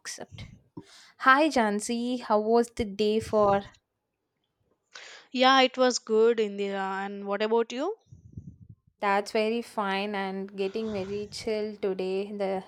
Accept. Hi, Jansi. How was the day for? Yeah, it was good, Indira. And what about you? That's very fine and getting very chill today. The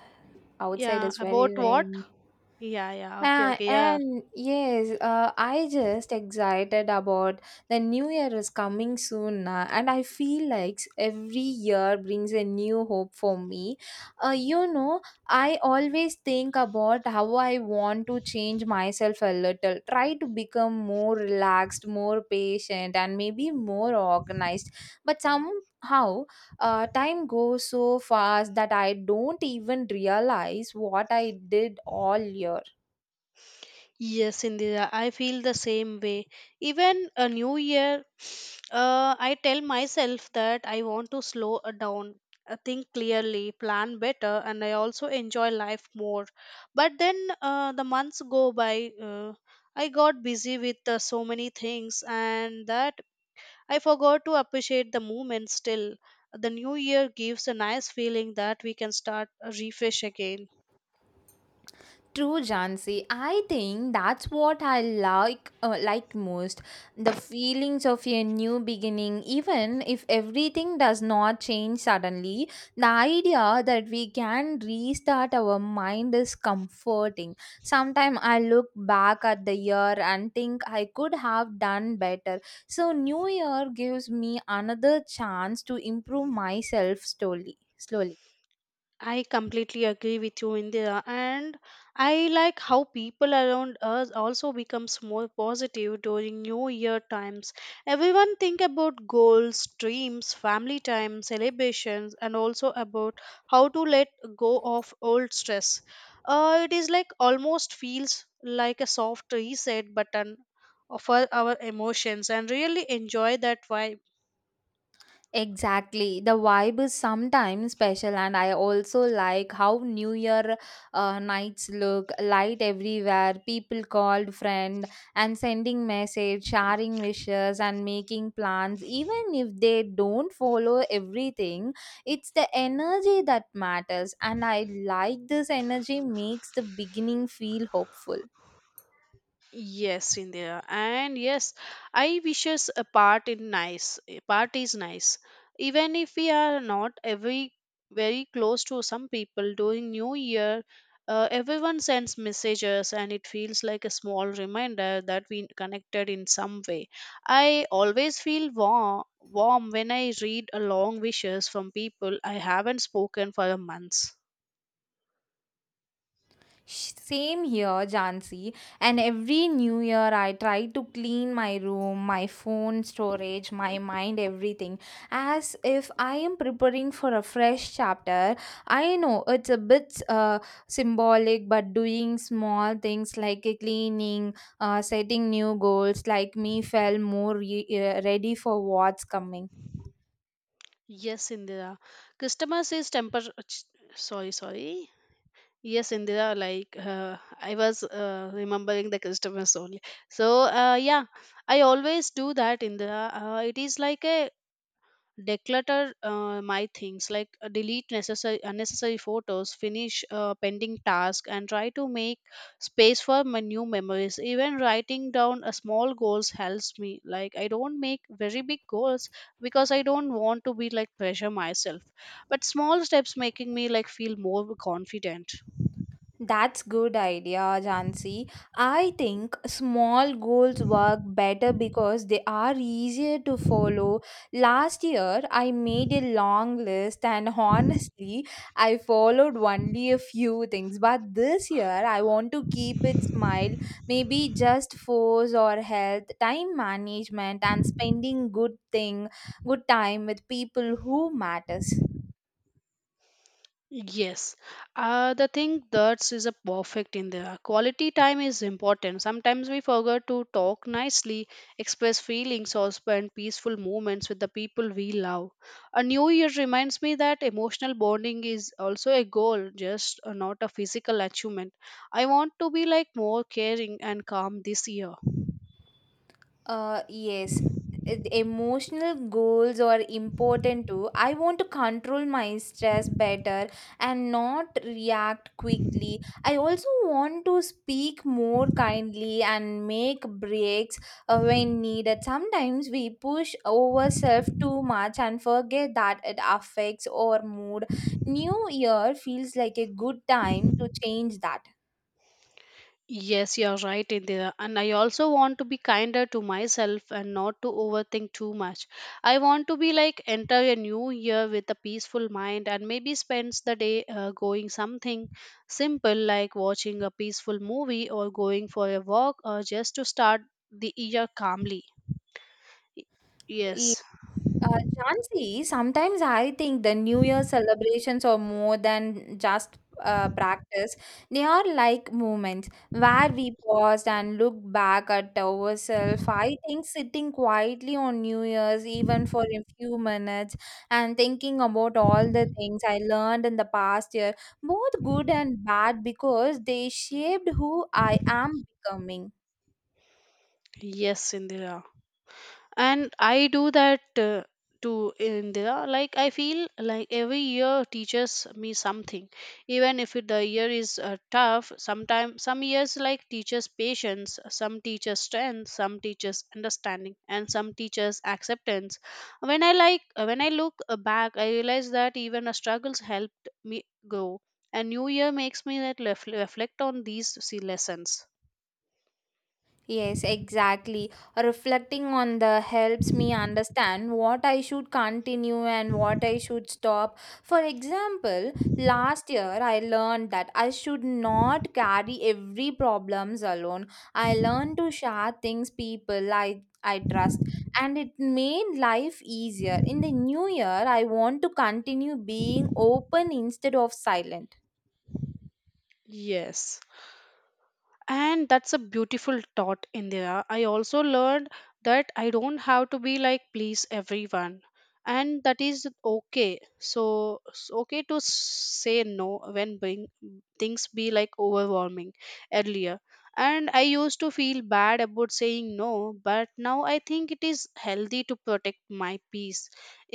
outside Yeah, is very about what? rainy. Yeah, yeah, okay, Ah, okay, yeah. and yes, I just excited about the new year is coming soon, na, and I feel like every year brings a new hope for me. Uh, you know, I always think about how I want to change myself a little, try to become more relaxed, more patient, and maybe more organized. But somehow, time goes so fast that I don't even realize what I did all year. Yes, Indira, I feel the same way. Even a new year, I tell myself that I want to slow down, think clearly, plan better, and I also enjoy life more. But then the months go by. I got busy with so many things, and that I forgot to appreciate the moment still. The new year gives a nice feeling that we can start a refresh again. True, Jansi. I think that's what I like most. The feelings of a new beginning, even if everything does not change suddenly. The idea that we can restart our mind is comforting. Sometimes I look back at the year and think I could have done better. So New Year gives me another chance to improve myself slowly. Slowly. I completely agree with you, Indira, and I like how people around us also becomes more positive during New Year times. Everyone think about goals, dreams, family time, celebrations, and also about how to let go of old stress. It is like almost feels like a soft reset button for our emotions, and really enjoy that vibe. Exactly. The vibe is sometimes special, and I also like how New Year nights look light everywhere, people called friend and sending message, sharing wishes, and making plans, even if they don't follow everything, it's the energy that matters, and I like this energy makes the beginning feel hopeful. Yes, India. And yes, I wishes a part in nice. A part is nice. Even if we are not every very close to some people during New Year, everyone sends messages and it feels like a small reminder that we connected in some way. I always feel warm when I read a long wishes from people I haven't spoken for a months. Same here, Jansi. And every new year, I try to clean my room, my phone storage, my mind, everything, as if I am preparing for a fresh chapter. I know it's a bit symbolic, but doing small things like cleaning, setting new goals, like me, felt more ready for what's coming. Yes, Indira. Christmas is temper. Sorry, sorry. Yes, Indira, like I was remembering the customers only. So, yeah, I always do that, Indira. It is like a declutter my things, like delete necessary unnecessary photos, finish pending task, and try to make space for my new memories. Even writing down a small goals helps me. Like I don't make very big goals because I don't want to be like pressure myself. But small steps making me like feel more confident. That's good idea, Jansi. I think small goals work better because they are easier to follow. Last year, I made a long list and honestly, I followed only a few things. But this year, I want to keep it smile, maybe just force or health, time management and spending good thing, good time with people who matters. Yes, the thing that is a perfect in there. Quality time is important. Sometimes we forget to talk nicely, express feelings, or spend peaceful moments with the people we love. A new year reminds me that emotional bonding is also a goal, just not a physical achievement. I want to be like more caring and calm this year. Yes. The Emotional goals are important too. I want to control my stress better and not react quickly. I also want to speak more kindly and make breaks when needed. Sometimes we push ourselves too much and forget that it affects our mood. New Year feels like a good time to change that. Yes, you're right, Indira. And I also want to be kinder to myself and not to overthink too much. I want to be like enter a new year with a peaceful mind and maybe spends the day going something simple like watching a peaceful movie or going for a walk or just to start the year calmly. Y- Yes, Jhansi, sometimes I think the New Year celebrations are more than just practice. They are like moments where we pause and look back at ourselves. I think sitting quietly on New Year's, even for a few minutes, and thinking about all the things I learned in the past year, both good and bad, because they shaped who I am becoming. yes, Indira. And I do that too in like I feel like every year teaches me something even if the year is tough. Sometimes some years like teaches patience, some teaches strength, some teaches understanding, and some teaches acceptance. When I like when I look back, I realize that even a struggles helped me grow, and new year makes me reflect on these see lessons. Yes, exactly. Reflecting on the helps me understand what I should continue and what I should stop. For example, last year I learned that I should not carry every problems alone. I learned to share things people I trust, and it made life easier. In the new year, I want to continue being open instead of silent. Yes, and that's a beautiful thought, Indira. I also learned that I don't have to be like please everyone, and that is okay. So it's okay to say no when being, things be like overwhelming earlier. And I used to feel bad about saying no, but now I think it is healthy to protect my peace.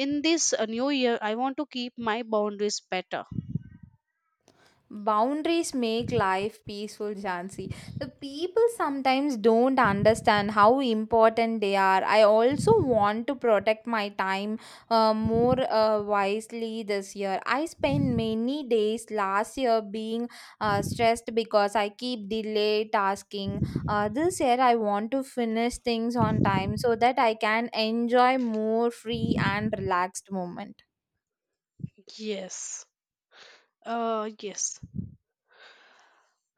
In this new year, I want to keep my boundaries better. Boundaries make life peaceful, Jansi. The people sometimes don't understand how important they are. I also want to protect my time more wisely this year. I spent many days last year being stressed because I keep delay tasking. This year, I want to finish things on time so that I can enjoy more free and relaxed moment. Yes. Yes.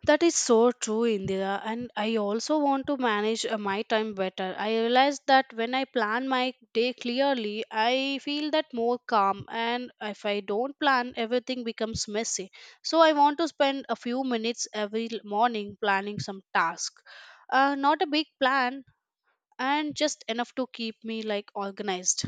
That is so true, Indira. And I also want to manage my time better. I realize that when I plan my day clearly, I feel that more calm. And if I don't plan, everything becomes messy. So I want to spend a few minutes every morning planning some task. Not a big plan, and just enough to keep me like organized.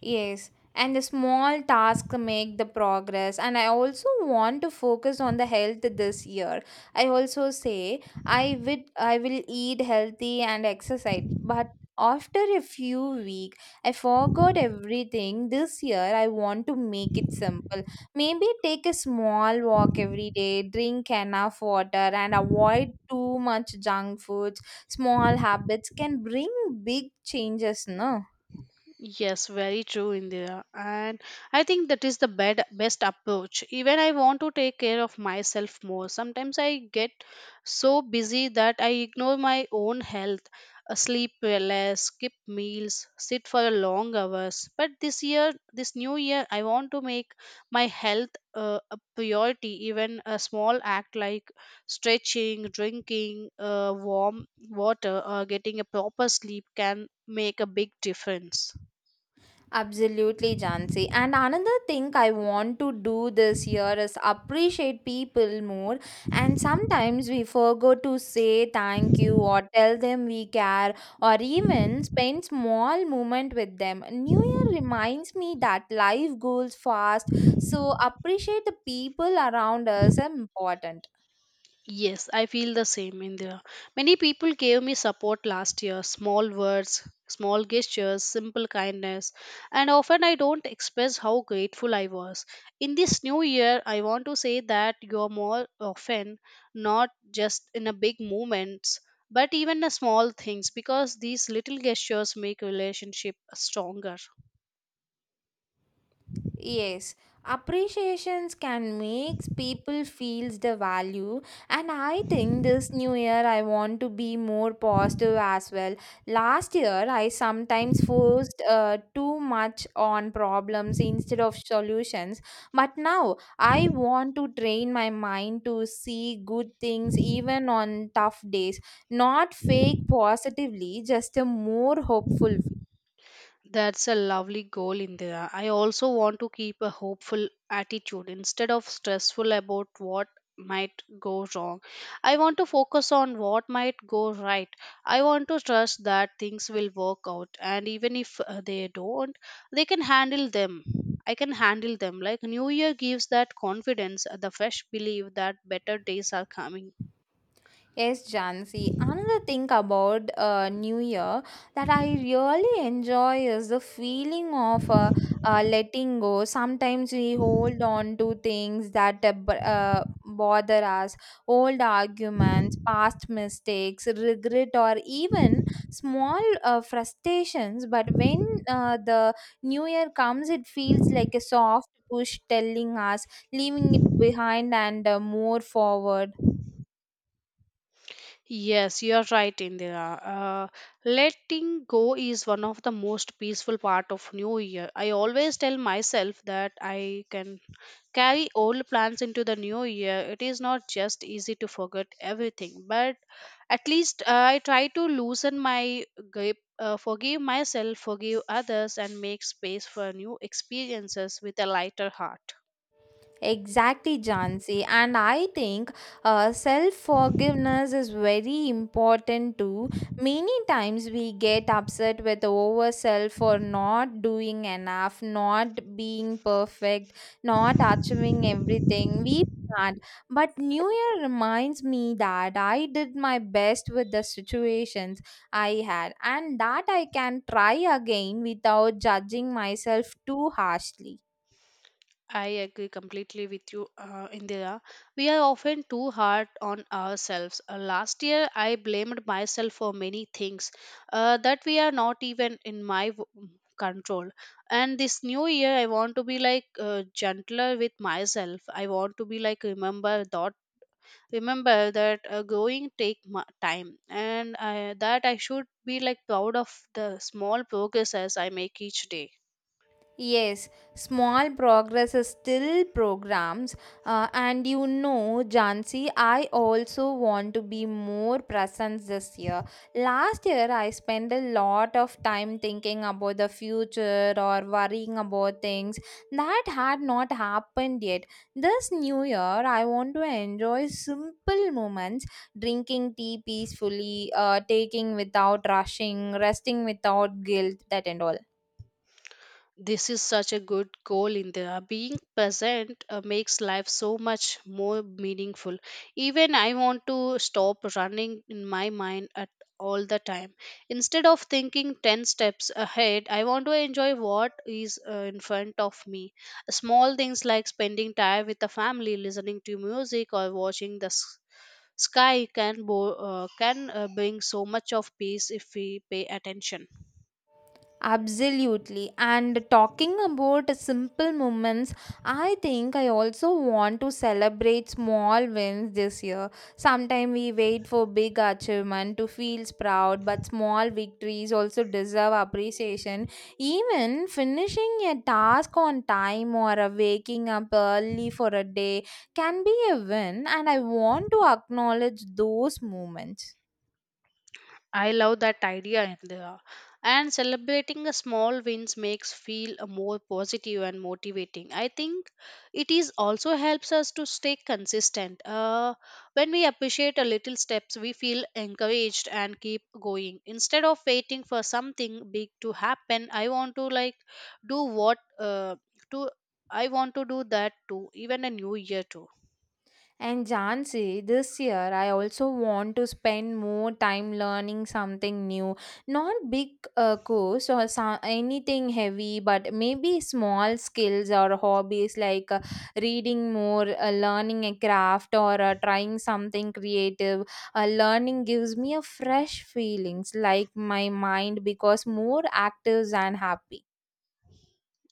Yes, and the small tasks make the progress. And I also want to focus on the health this year. I also say I will eat healthy and exercise, but after a few weeks, I forgot everything. This year, I want to make it simple. Maybe take a small walk every day, drink enough water, and avoid too much junk foods. Small habits can bring big changes, no? Yes, very true, Indira. And I think that is best approach. Even I want to take care of myself more. Sometimes I get so busy that I ignore my own health, sleep less, skip meals, sit for long hours. But this year, this new year, I want to make my health a priority. Even a small act like stretching, drinking warm water, or getting a proper sleep can make a big difference. Absolutely, Jansi. And another thing I want to do this year is appreciate people more. And sometimes we forget to say thank you or tell them we care or even spend small moment with them. New Year reminds me that life goes fast, so appreciate the people around us are important. Yes, I feel the same, India. Many people gave me support last year, small words, small gestures, simple kindness, and often I don't express how grateful I was. In this new year, I want to say that you're more often, not just in a big moments but even the small things, because these little gestures make relationship stronger. Yes, appreciations can make people feels the value, and I think this new year I want to be more positive as well. Last year I sometimes forced too much on problems instead of solutions, but now I want to train my mind to see good things even on tough days, not fake positively, just a more hopeful way. That's a lovely goal, Indira. I also want to keep a hopeful attitude instead of stressful about what might go wrong. I want to focus on what might go right. I want to trust that things will work out, and even if they don't, they can handle them. I can handle them. Like New Year gives that confidence, the fresh belief that better days are coming. Yes, Jansi. Another thing about New Year that I really enjoy is the feeling of letting go. Sometimes we hold on to things that bother us, old arguments, past mistakes, regret, or even small frustrations. But when the New Year comes, it feels like a soft push telling us leaving it behind and more forward. Yes, you're right, Indira. Letting go is one of the most peaceful part of New Year. I always tell myself that I can carry old plans into the new year. It is not just easy to forget everything, but at least I try to loosen my grip, forgive myself, forgive others, and make space for new experiences with a lighter heart. Exactly, Jansi. And I think self forgiveness is very important too. Many times we get upset with ourselves for not doing enough, not being perfect, not achieving everything we planned. But New Year reminds me that I did my best with the situations I had, and that I can try again without judging myself too harshly. I agree completely with you, Indira. We are often too hard on ourselves. Last year, I blamed myself for many things that we are not even in my control. And this new year, I want to be like gentler with myself. I want to be like remember that growing take my time, and I, that I should be like proud of the small progresses I make each day. Yes, small progress is still programs. And you know, Jansi, I also want to be more present this year. Last year, I spent a lot of time thinking about the future or worrying about things that had not happened yet. This new year, I want to enjoy simple moments drinking tea peacefully, taking without rushing, resting without guilt, that and all. This is such a good goal, Indira. Being present makes life so much more meaningful. Even I want to stop running in my mind at all the time. Instead of thinking 10 steps ahead, I want to enjoy what is in front of me. Small things like spending time with the family, listening to music, or watching the sky can, can bring so much of peace if we pay attention. Absolutely. And talking about simple moments, I think I also want to celebrate small wins this year. Sometimes we wait for big achievement to feel proud, but small victories also deserve appreciation. Even finishing a task on time or waking up early for a day can be a win, and I want to acknowledge those moments. I love that idea, Indira. And celebrating the small wins makes feel a more positive and motivating. I think it is also helps us to stay consistent. When we appreciate a little steps, we feel encouraged and keep going. Instead of waiting for something big to happen, I want to like do what to I want to do that too, even a new year too. And Jansi, this year I also want to spend more time learning something new. Not big course or anything heavy, but maybe small skills or hobbies like reading more, learning a craft, or trying something creative. Learning gives me a fresh feelings like my mind becomes more active and happy.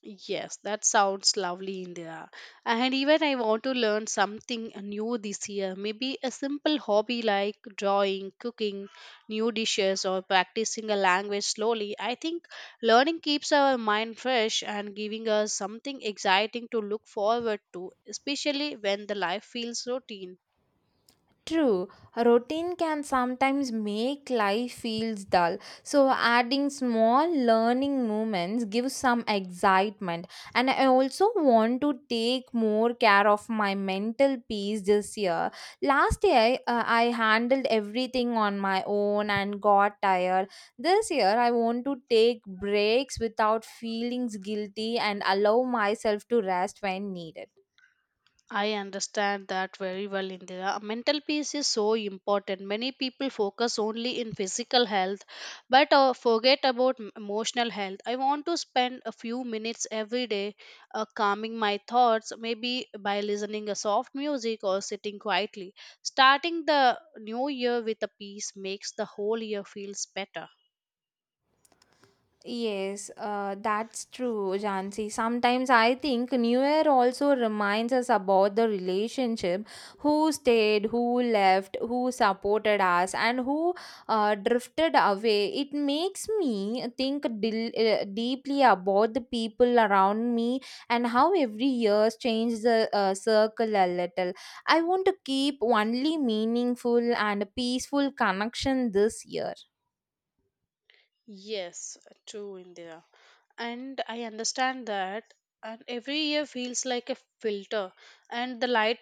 Yes, that sounds lovely, Indira. And even I want to learn something new this year. Maybe a simple hobby like drawing, cooking new dishes, or practicing a language slowly. I think learning keeps our mind fresh and giving us something exciting to look forward to, especially when the life feels routine. True, routine can sometimes make life feels dull. So adding small learning moments gives some excitement. And I also want to take more care of my mental peace this year. Last year I handled everything on my own and got tired. This year I want to take breaks without feelings guilty and allow myself to rest when needed. I understand that very well, Indira. Mental peace is so important. Many people focus only in physical health, but forget about emotional health. I want to spend a few minutes every day calming my thoughts, maybe by listening a soft music or sitting quietly. Starting the new year with a peace makes the whole year feels better. Yes, that's true, Jansi. Sometimes I think New Year also reminds us about the relationship who stayed, who left, who supported us, and who drifted away. It makes me think deeply about the people around me and how every year changes the circle a little. I want to keep only meaningful and peaceful connection this year. Yes, true, Indira. And I understand that. And every year feels like a filter, and the light,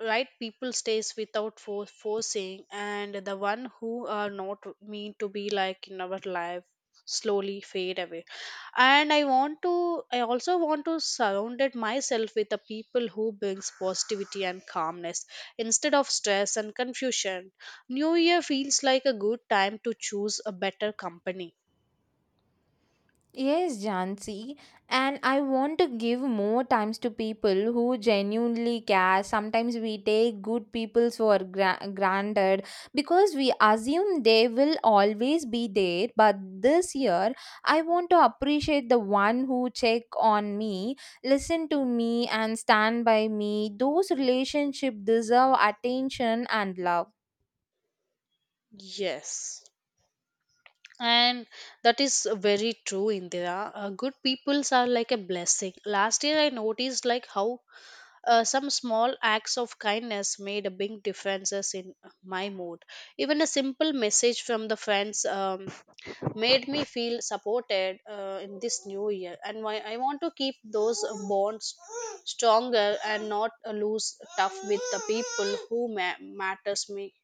right people stays without forcing, and the one who are not mean to be like in our life slowly fade away. And I also want to surrounded myself with the people who brings positivity and calmness instead of stress and confusion. New Year feels like a good time to choose a better company. Yes, Jansi, and I want to give more times to people who genuinely care. Sometimes we take good people for granted because we assume they will always be there. But this year, I want to appreciate the one who check on me, listen to me, and stand by me. Those relationship deserve attention and love. Yes. And that is very true, Indira. Good peoples are like a blessing. Last year, I noticed like how some small acts of kindness made a big differences in my mood. Even a simple message from the friends made me feel supported in this new year. And why I want to keep those bonds stronger and not lose tough with the people who matters me.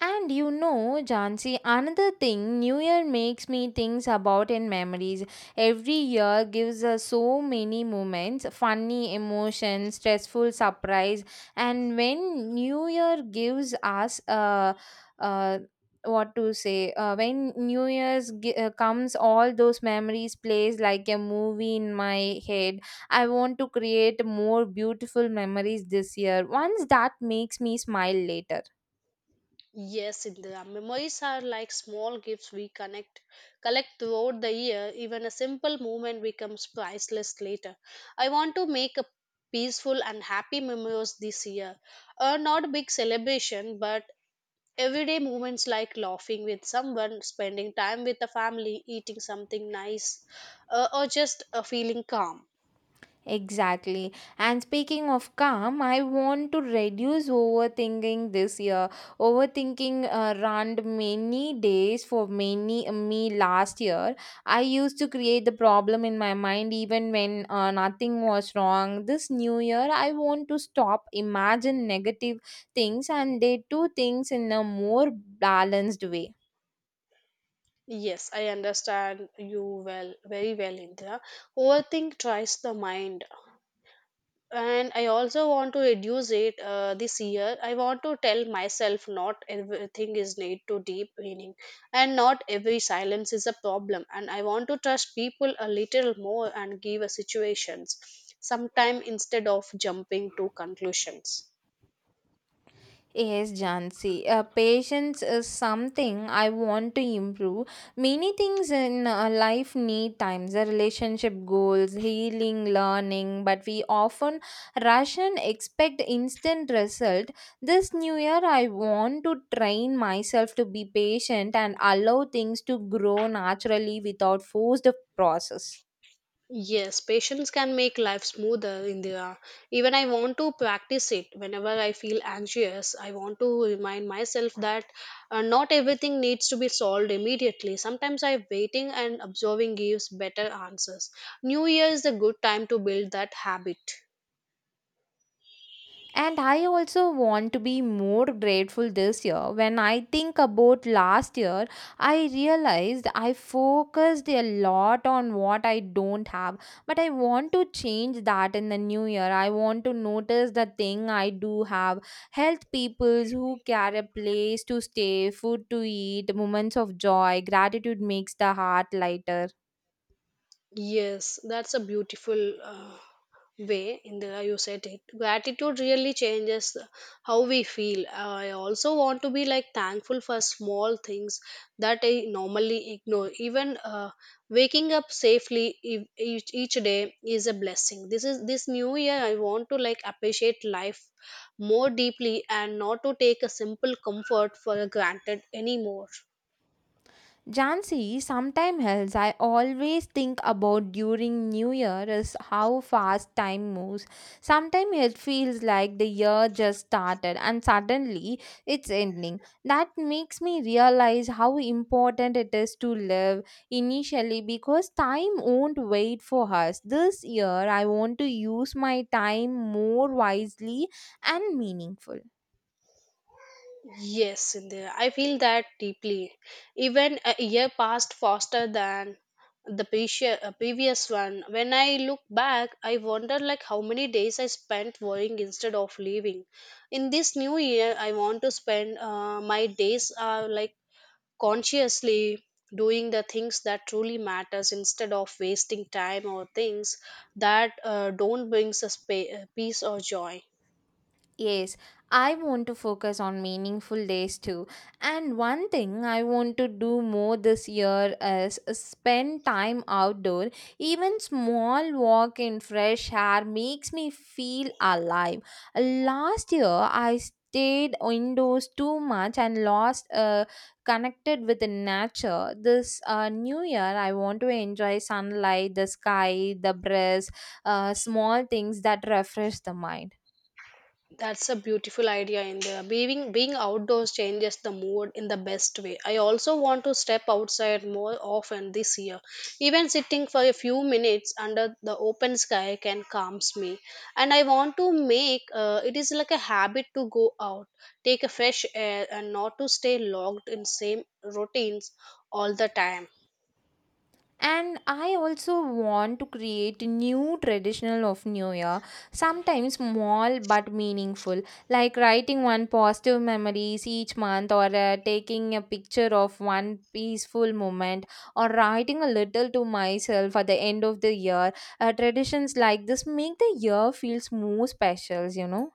And you know, Jansi, another thing New Year makes me think about in memories. Every year gives us so many moments funny, emotions, stressful surprise. And when New Year gives us uh, what to say when new year's comes, all those memories plays like a movie in my head. I want to create more beautiful memories this year, ones that makes me smile later. Yes, Indira. Memories are like small gifts we collect throughout the year. Even a simple moment becomes priceless later. I want to make a peaceful and happy memories this year. Not a big celebration, but everyday moments like laughing with someone, spending time with the family, eating something nice, or just feeling calm. Exactly. And speaking of calm, I want to reduce overthinking this year. Overthinking ran many days for many me last year. I used to create the problem in my mind even when nothing was wrong. This new year, I want to stop imagine negative things and they do things in a more balanced way. Yes, I understand you well, very well, Indira. Overthink tries the mind. And I also want to reduce it this year. I want to tell myself not everything is need to deep meaning, and not every silence is a problem. And I want to trust people a little more and give a situations sometime instead of jumping to conclusions. Yes, Jansi. Patience is something I want to improve. Many things in life need times, the relationship goals, healing, learning, but we often rush and expect instant result. This new year, I want to train myself to be patient and allow things to grow naturally without forced process. Yes, patience can make life smoother, Indira. Even I want to practice it. Whenever I feel anxious, I want to remind myself that not everything needs to be solved immediately. Sometimes I waiting and observing gives better answers. New Year is a good time to build that habit. And I also want to be more grateful this year. When I think about last year, I realized I focused a lot on what I don't have. But I want to change that in the new year. I want to notice the thing I do have. Health peoples who care a place to stay, food to eat, moments of joy, gratitude makes the heart lighter. Yes, that's a beautiful way in the you said it. Gratitude really changes how we feel. I also want to be like thankful for small things that I normally ignore. Even waking up safely each day is a blessing. This is this new year. I want to like appreciate life more deeply and not to take a simple comfort for granted anymore. Jansi, sometime else I always think about during New Year is how fast time moves. Sometimes it feels like the year just started and suddenly it's ending. That makes me realize how important it is to live initially because time won't wait for us. This year I want to use my time more wisely and meaningful. Yes, Sindhya, I feel that deeply. Even a year passed faster than the previous one. When I look back, I wonder like how many days I spent worrying instead of living. In this new year, I want to spend my days like consciously doing the things that truly matters instead of wasting time or things that don't brings us peace or joy. Yes, I want to focus on meaningful days too. And one thing I want to do more this year is spend time outdoor. Even small walk in fresh air makes me feel alive. Last year I stayed indoors too much and lost connected with the nature. This new year I want to enjoy sunlight, the sky, the breeze, small things that refresh the mind. That's a beautiful idea, India. Being outdoors changes the mood in the best way. I also want to step outside more often this year. Even sitting for a few minutes under the open sky can calms me. And I want to make it is like a habit to go out, take a fresh air, and not to stay locked in same routines all the time. And I also want to create new traditional of New Year, sometimes small but meaningful, like writing one positive memories each month or taking a picture of one peaceful moment or writing a little to myself at the end of the year. Traditions like this make the year feels more special.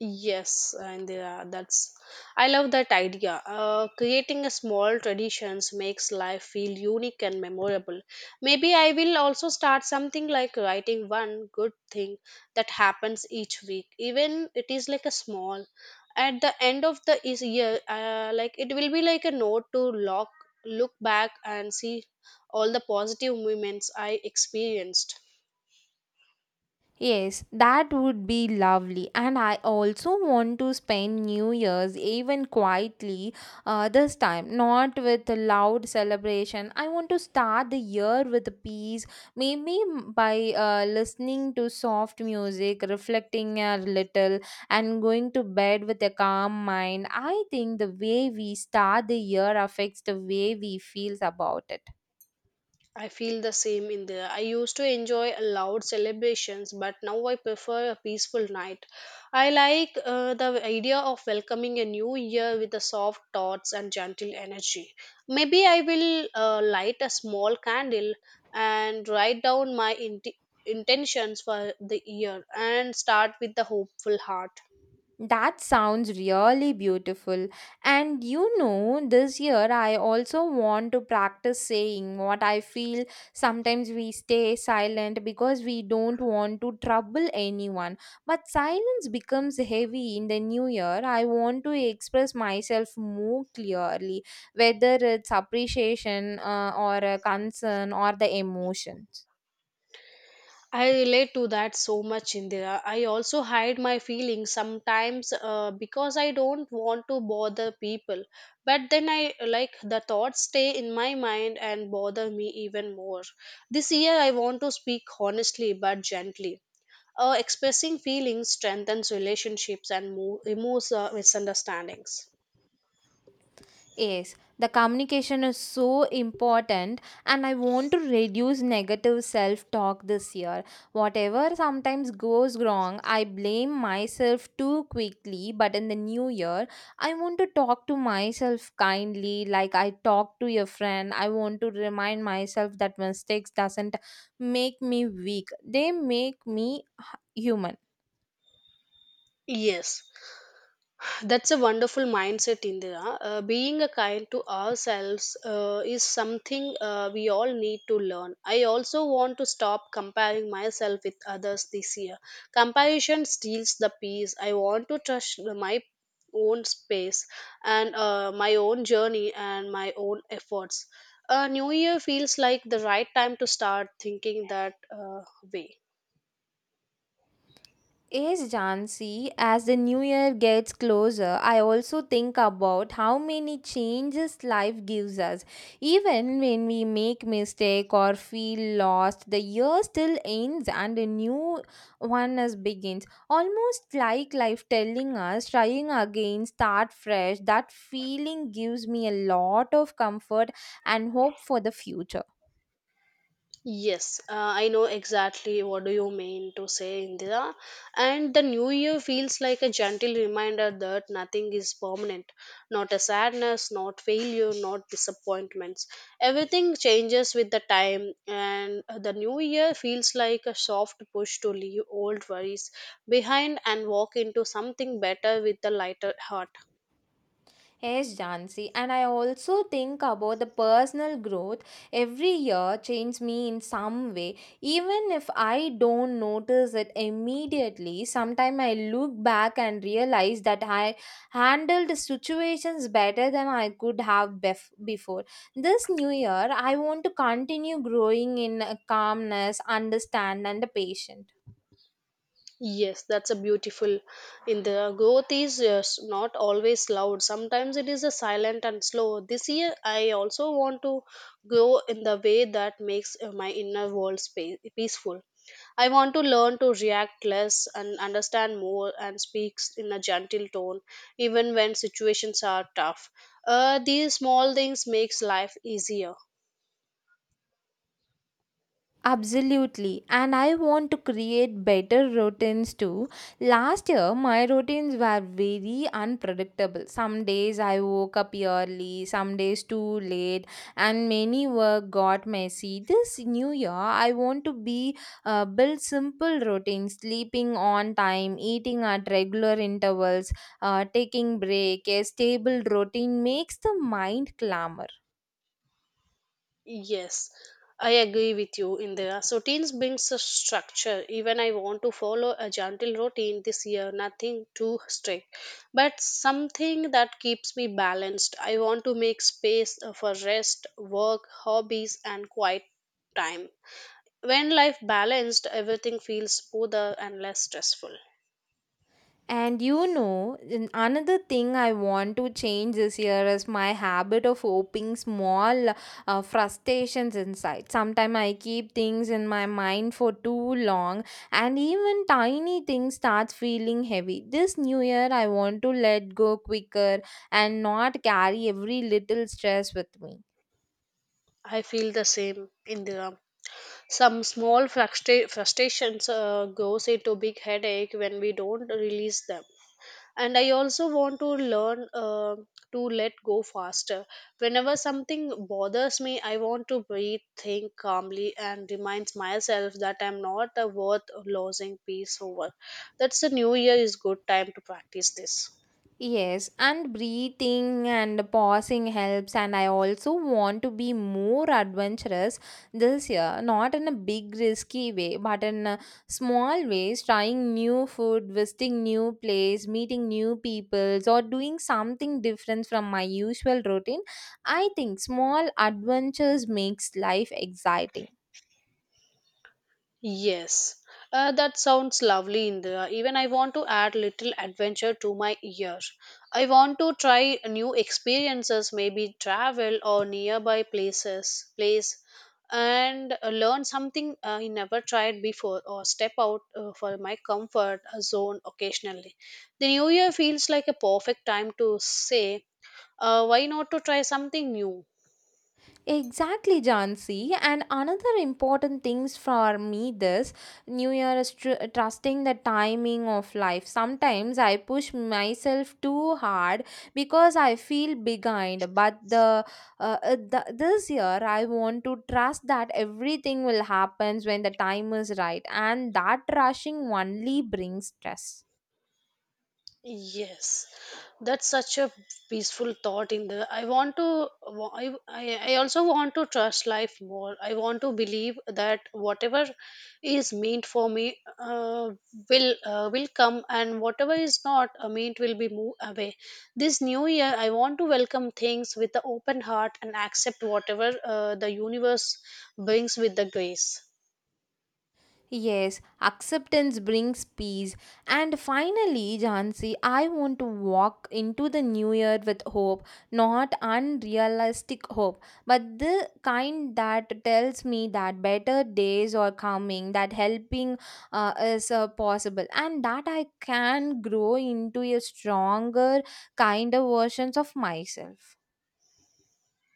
Yes, and that's I love that idea. Creating a small traditions makes life feel unique and memorable. Maybe I will also start something like writing one good thing that happens each week, even it is like a small. At the end of the year, like it will be like a note to look back and see all the positive moments I experienced. Yes, that would be lovely. And I also want to spend New Year's even quietly this time, not with a loud celebration. I want to start the year with a peace, maybe by listening to soft music, reflecting a little, and going to bed with a calm mind. I think the way we start the year affects the way we feel about it. I feel the same in there. I used to enjoy loud celebrations, but now I prefer a peaceful night. I like the idea of welcoming a new year with the soft thoughts and gentle energy. Maybe I will light a small candle and write down my intentions for the year and start with the hopeful heart. That sounds really beautiful. And you know, this year I also want to practice saying what I feel. Sometimes we stay silent because we don't want to trouble anyone. But silence becomes heavy in the new year. I want to express myself more clearly, whether it's appreciation or a concern or the emotions. I relate to that so much, Indira. I also hide my feelings sometimes because I don't want to bother people. But then I like the thoughts stay in my mind and bother me even more. This year I want to speak honestly but gently. Expressing feelings strengthens relationships and removes misunderstandings. Yes, the communication is so important, and I want to reduce negative self talk this year. Whatever sometimes goes wrong, I blame myself too quickly, but in the new year, I want to talk to myself kindly, like I talk to a friend. I want to remind myself that mistakes doesn't make me weak, they make me human. Yes. That's a wonderful mindset, Indira. Being a kind to ourselves is something we all need to learn. I also want to stop comparing myself with others this year. Comparison steals the peace. I want to trust my own space and my own journey and my own efforts. New Year feels like the right time to start thinking that way. Yes, Jansi, as the new year gets closer, I also think about how many changes life gives us. Even when we make mistake or feel lost, the year still ends and a new one as begins. Almost like life telling us, trying again, start fresh. That feeling gives me a lot of comfort and hope for the future. Yes, I know exactly what do you mean to say, Indira. And the new year feels like a gentle reminder that nothing is permanent, not a sadness, not failure, not disappointments. Everything changes with the time, and the new year feels like a soft push to leave old worries behind and walk into something better with a lighter heart. Yes, Jansi, and I also think about the personal growth every year changes me in some way. Even if I don't notice it immediately, sometimes I look back and realize that I handled situations better than I could have before. This new year, I want to continue growing in calmness, understand, and patience. Yes, that's a beautiful. In the growth is yes, not always loud. Sometimes it is a silent and slow. This year, I also want to grow in the way that makes my inner world space, peaceful. I want to learn to react less and understand more and speaks in a gentle tone, even when situations are tough. These small things makes life easier. Absolutely. And I want to create better routines too. Last year, my routines were very unpredictable. Some days I woke up early, some days too late, and many work got messy. This new year, I want to be build simple routines, sleeping on time, eating at regular intervals, taking break. A stable routine makes the mind clamor. Yes, I agree with you, Indira. So routines brings a structure. Even I want to follow a gentle routine this year, nothing too strict, but something that keeps me balanced. I want to make space for rest, work, hobbies, and quiet time. When life balanced, everything feels smoother and less stressful. And you know, another thing I want to change this year is my habit of hoping small frustrations inside. Sometimes I keep things in my mind for too long, and even tiny things start feeling heavy. This new year, I want to let go quicker and not carry every little stress with me. I feel the same, Indira. Some small frustrations goes into big headache when we don't release them, and I also want to learn to let go faster. Whenever something bothers me, I want to breathe, think calmly and reminds myself that I'm not worth losing peace over. That's the new year is good time to practice this. Yes, and breathing and pausing helps. And I also want to be more adventurous this year, not in a big risky way, but in a small ways, trying new food, visiting new place, meeting new peoples, or doing something different from my usual routine. I think small adventures makes life exciting. Yes, that sounds lovely, Indra. Even I want to add little adventure to my year. I want to try new experiences, maybe travel or nearby places, place, and learn something I never tried before, or step out for my comfort zone occasionally. The new year feels like a perfect time to say, why not to try something new? Exactly, Jansi. And another important things for me this New Year is trusting the timing of life. Sometimes I push myself too hard because I feel behind. But the this year I want to trust that everything will happen when the time is right, and that rushing only brings stress. Yes, that's such a peaceful thought. I want to, I also want to trust life more. I want to believe that whatever is meant for me will will come, and whatever is not meant will be moved away. This new year, I want to welcome things with the open heart and accept whatever the universe brings with the grace. Yes, acceptance brings peace. And finally, Jansi, I want to walk into the new year with hope, not unrealistic hope, but the kind that tells me that better days are coming, that helping is possible, and that I can grow into a stronger, kinder versions of myself.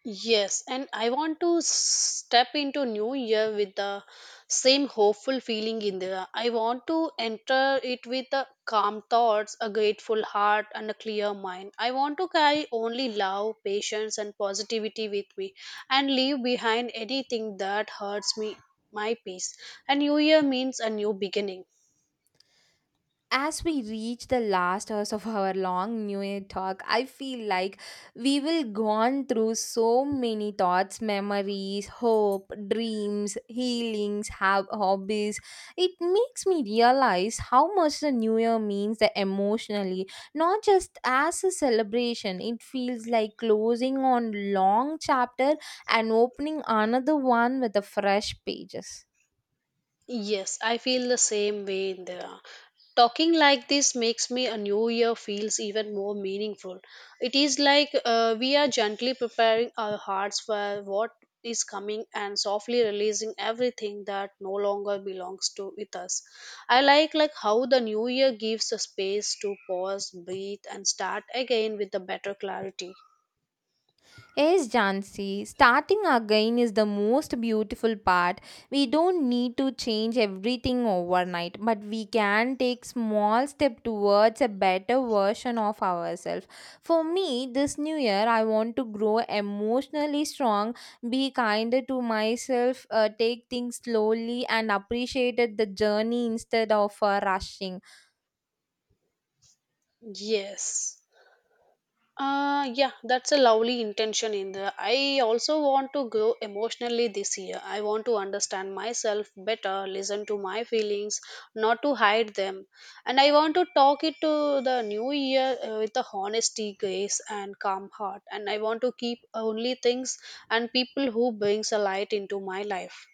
Yes, and I want to step into new year with the same hopeful feeling in there. I want to enter it with the calm thoughts, a grateful heart, and a clear mind. I want to carry only love, patience, and positivity with me, and leave behind anything that hurts me, my peace. And new year means a new beginning. As we reach the last hours of our long new year talk, I feel like we will gone through so many thoughts, memories, hope, dreams, healings, have hobbies. It makes me realize how much the new year means the emotionally, not just as a celebration. It feels like closing on long chapter and opening another one with the fresh pages. Yes, I feel the same way in there. Talking like this makes me a new year feels even more meaningful. It is like we are gently preparing our hearts for what is coming and softly releasing everything that no longer belongs to with us. I like how the new year gives a space to pause, breathe and start again with a better clarity. Yes, Jansi, starting again is the most beautiful part. We don't need to change everything overnight, but we can take small step towards a better version of ourselves. For me, this new year, I want to grow emotionally strong, be kinder to myself, take things slowly, and appreciate the journey instead of rushing. Yes. Yeah, that's a lovely intention in there. I also want to grow emotionally this year. I want to understand myself better, listen to my feelings, not to hide them. And I want to talk it to the new year with the honesty, grace, and calm heart. And I want to keep only things and people who brings a light into my life.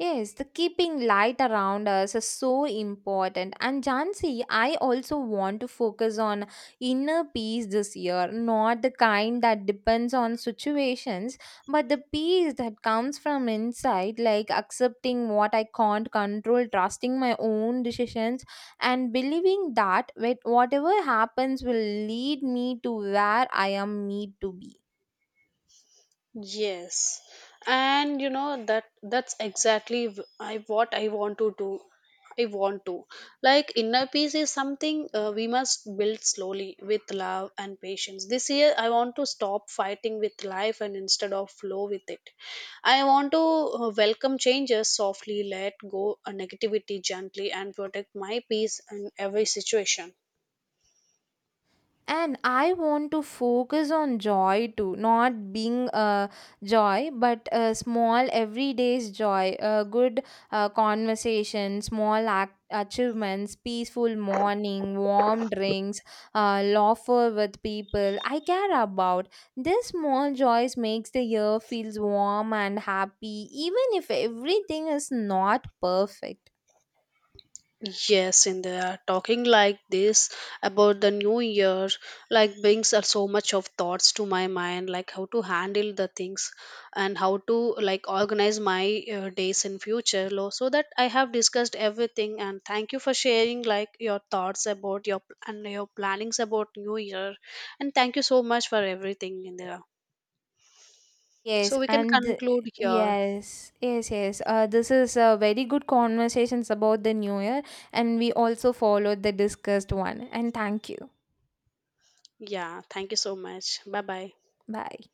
Yes, the keeping light around us is so important. And Jansi, I also want to focus on inner peace this year, not the kind that depends on situations, but the peace that comes from inside, like accepting what I can't control, trusting my own decisions, and believing that whatever happens will lead me to where I am need to be. Yes, and you know that that's exactly I what I want to do. I want to like inner peace is something we must build slowly with love and patience. This year, I want to stop fighting with life and instead of flow with it. I want to welcome changes softly, let go a negativity gently, and protect my peace in every situation. And I want to focus on joy too, not being joy, but small everyday's joy, a good conversation, small act achievements, peaceful morning, warm drinks, laughter with people I care about. This small joys makes the year feels warm and happy even if everything is not perfect. Yes, in there, talking like this about the new year, like brings are so much of thoughts to my mind, like how to handle the things and how to like organize my days in future. So that I have discussed everything, and thank you for sharing like your thoughts about your and your plannings about new year, and thank you so much for everything in there. So Yes, we can and conclude here. yes, yes, yes. This is a very good conversations about the new year, and we also followed the discussed one. And thank you. Yeah, thank you so much. Bye bye. Bye.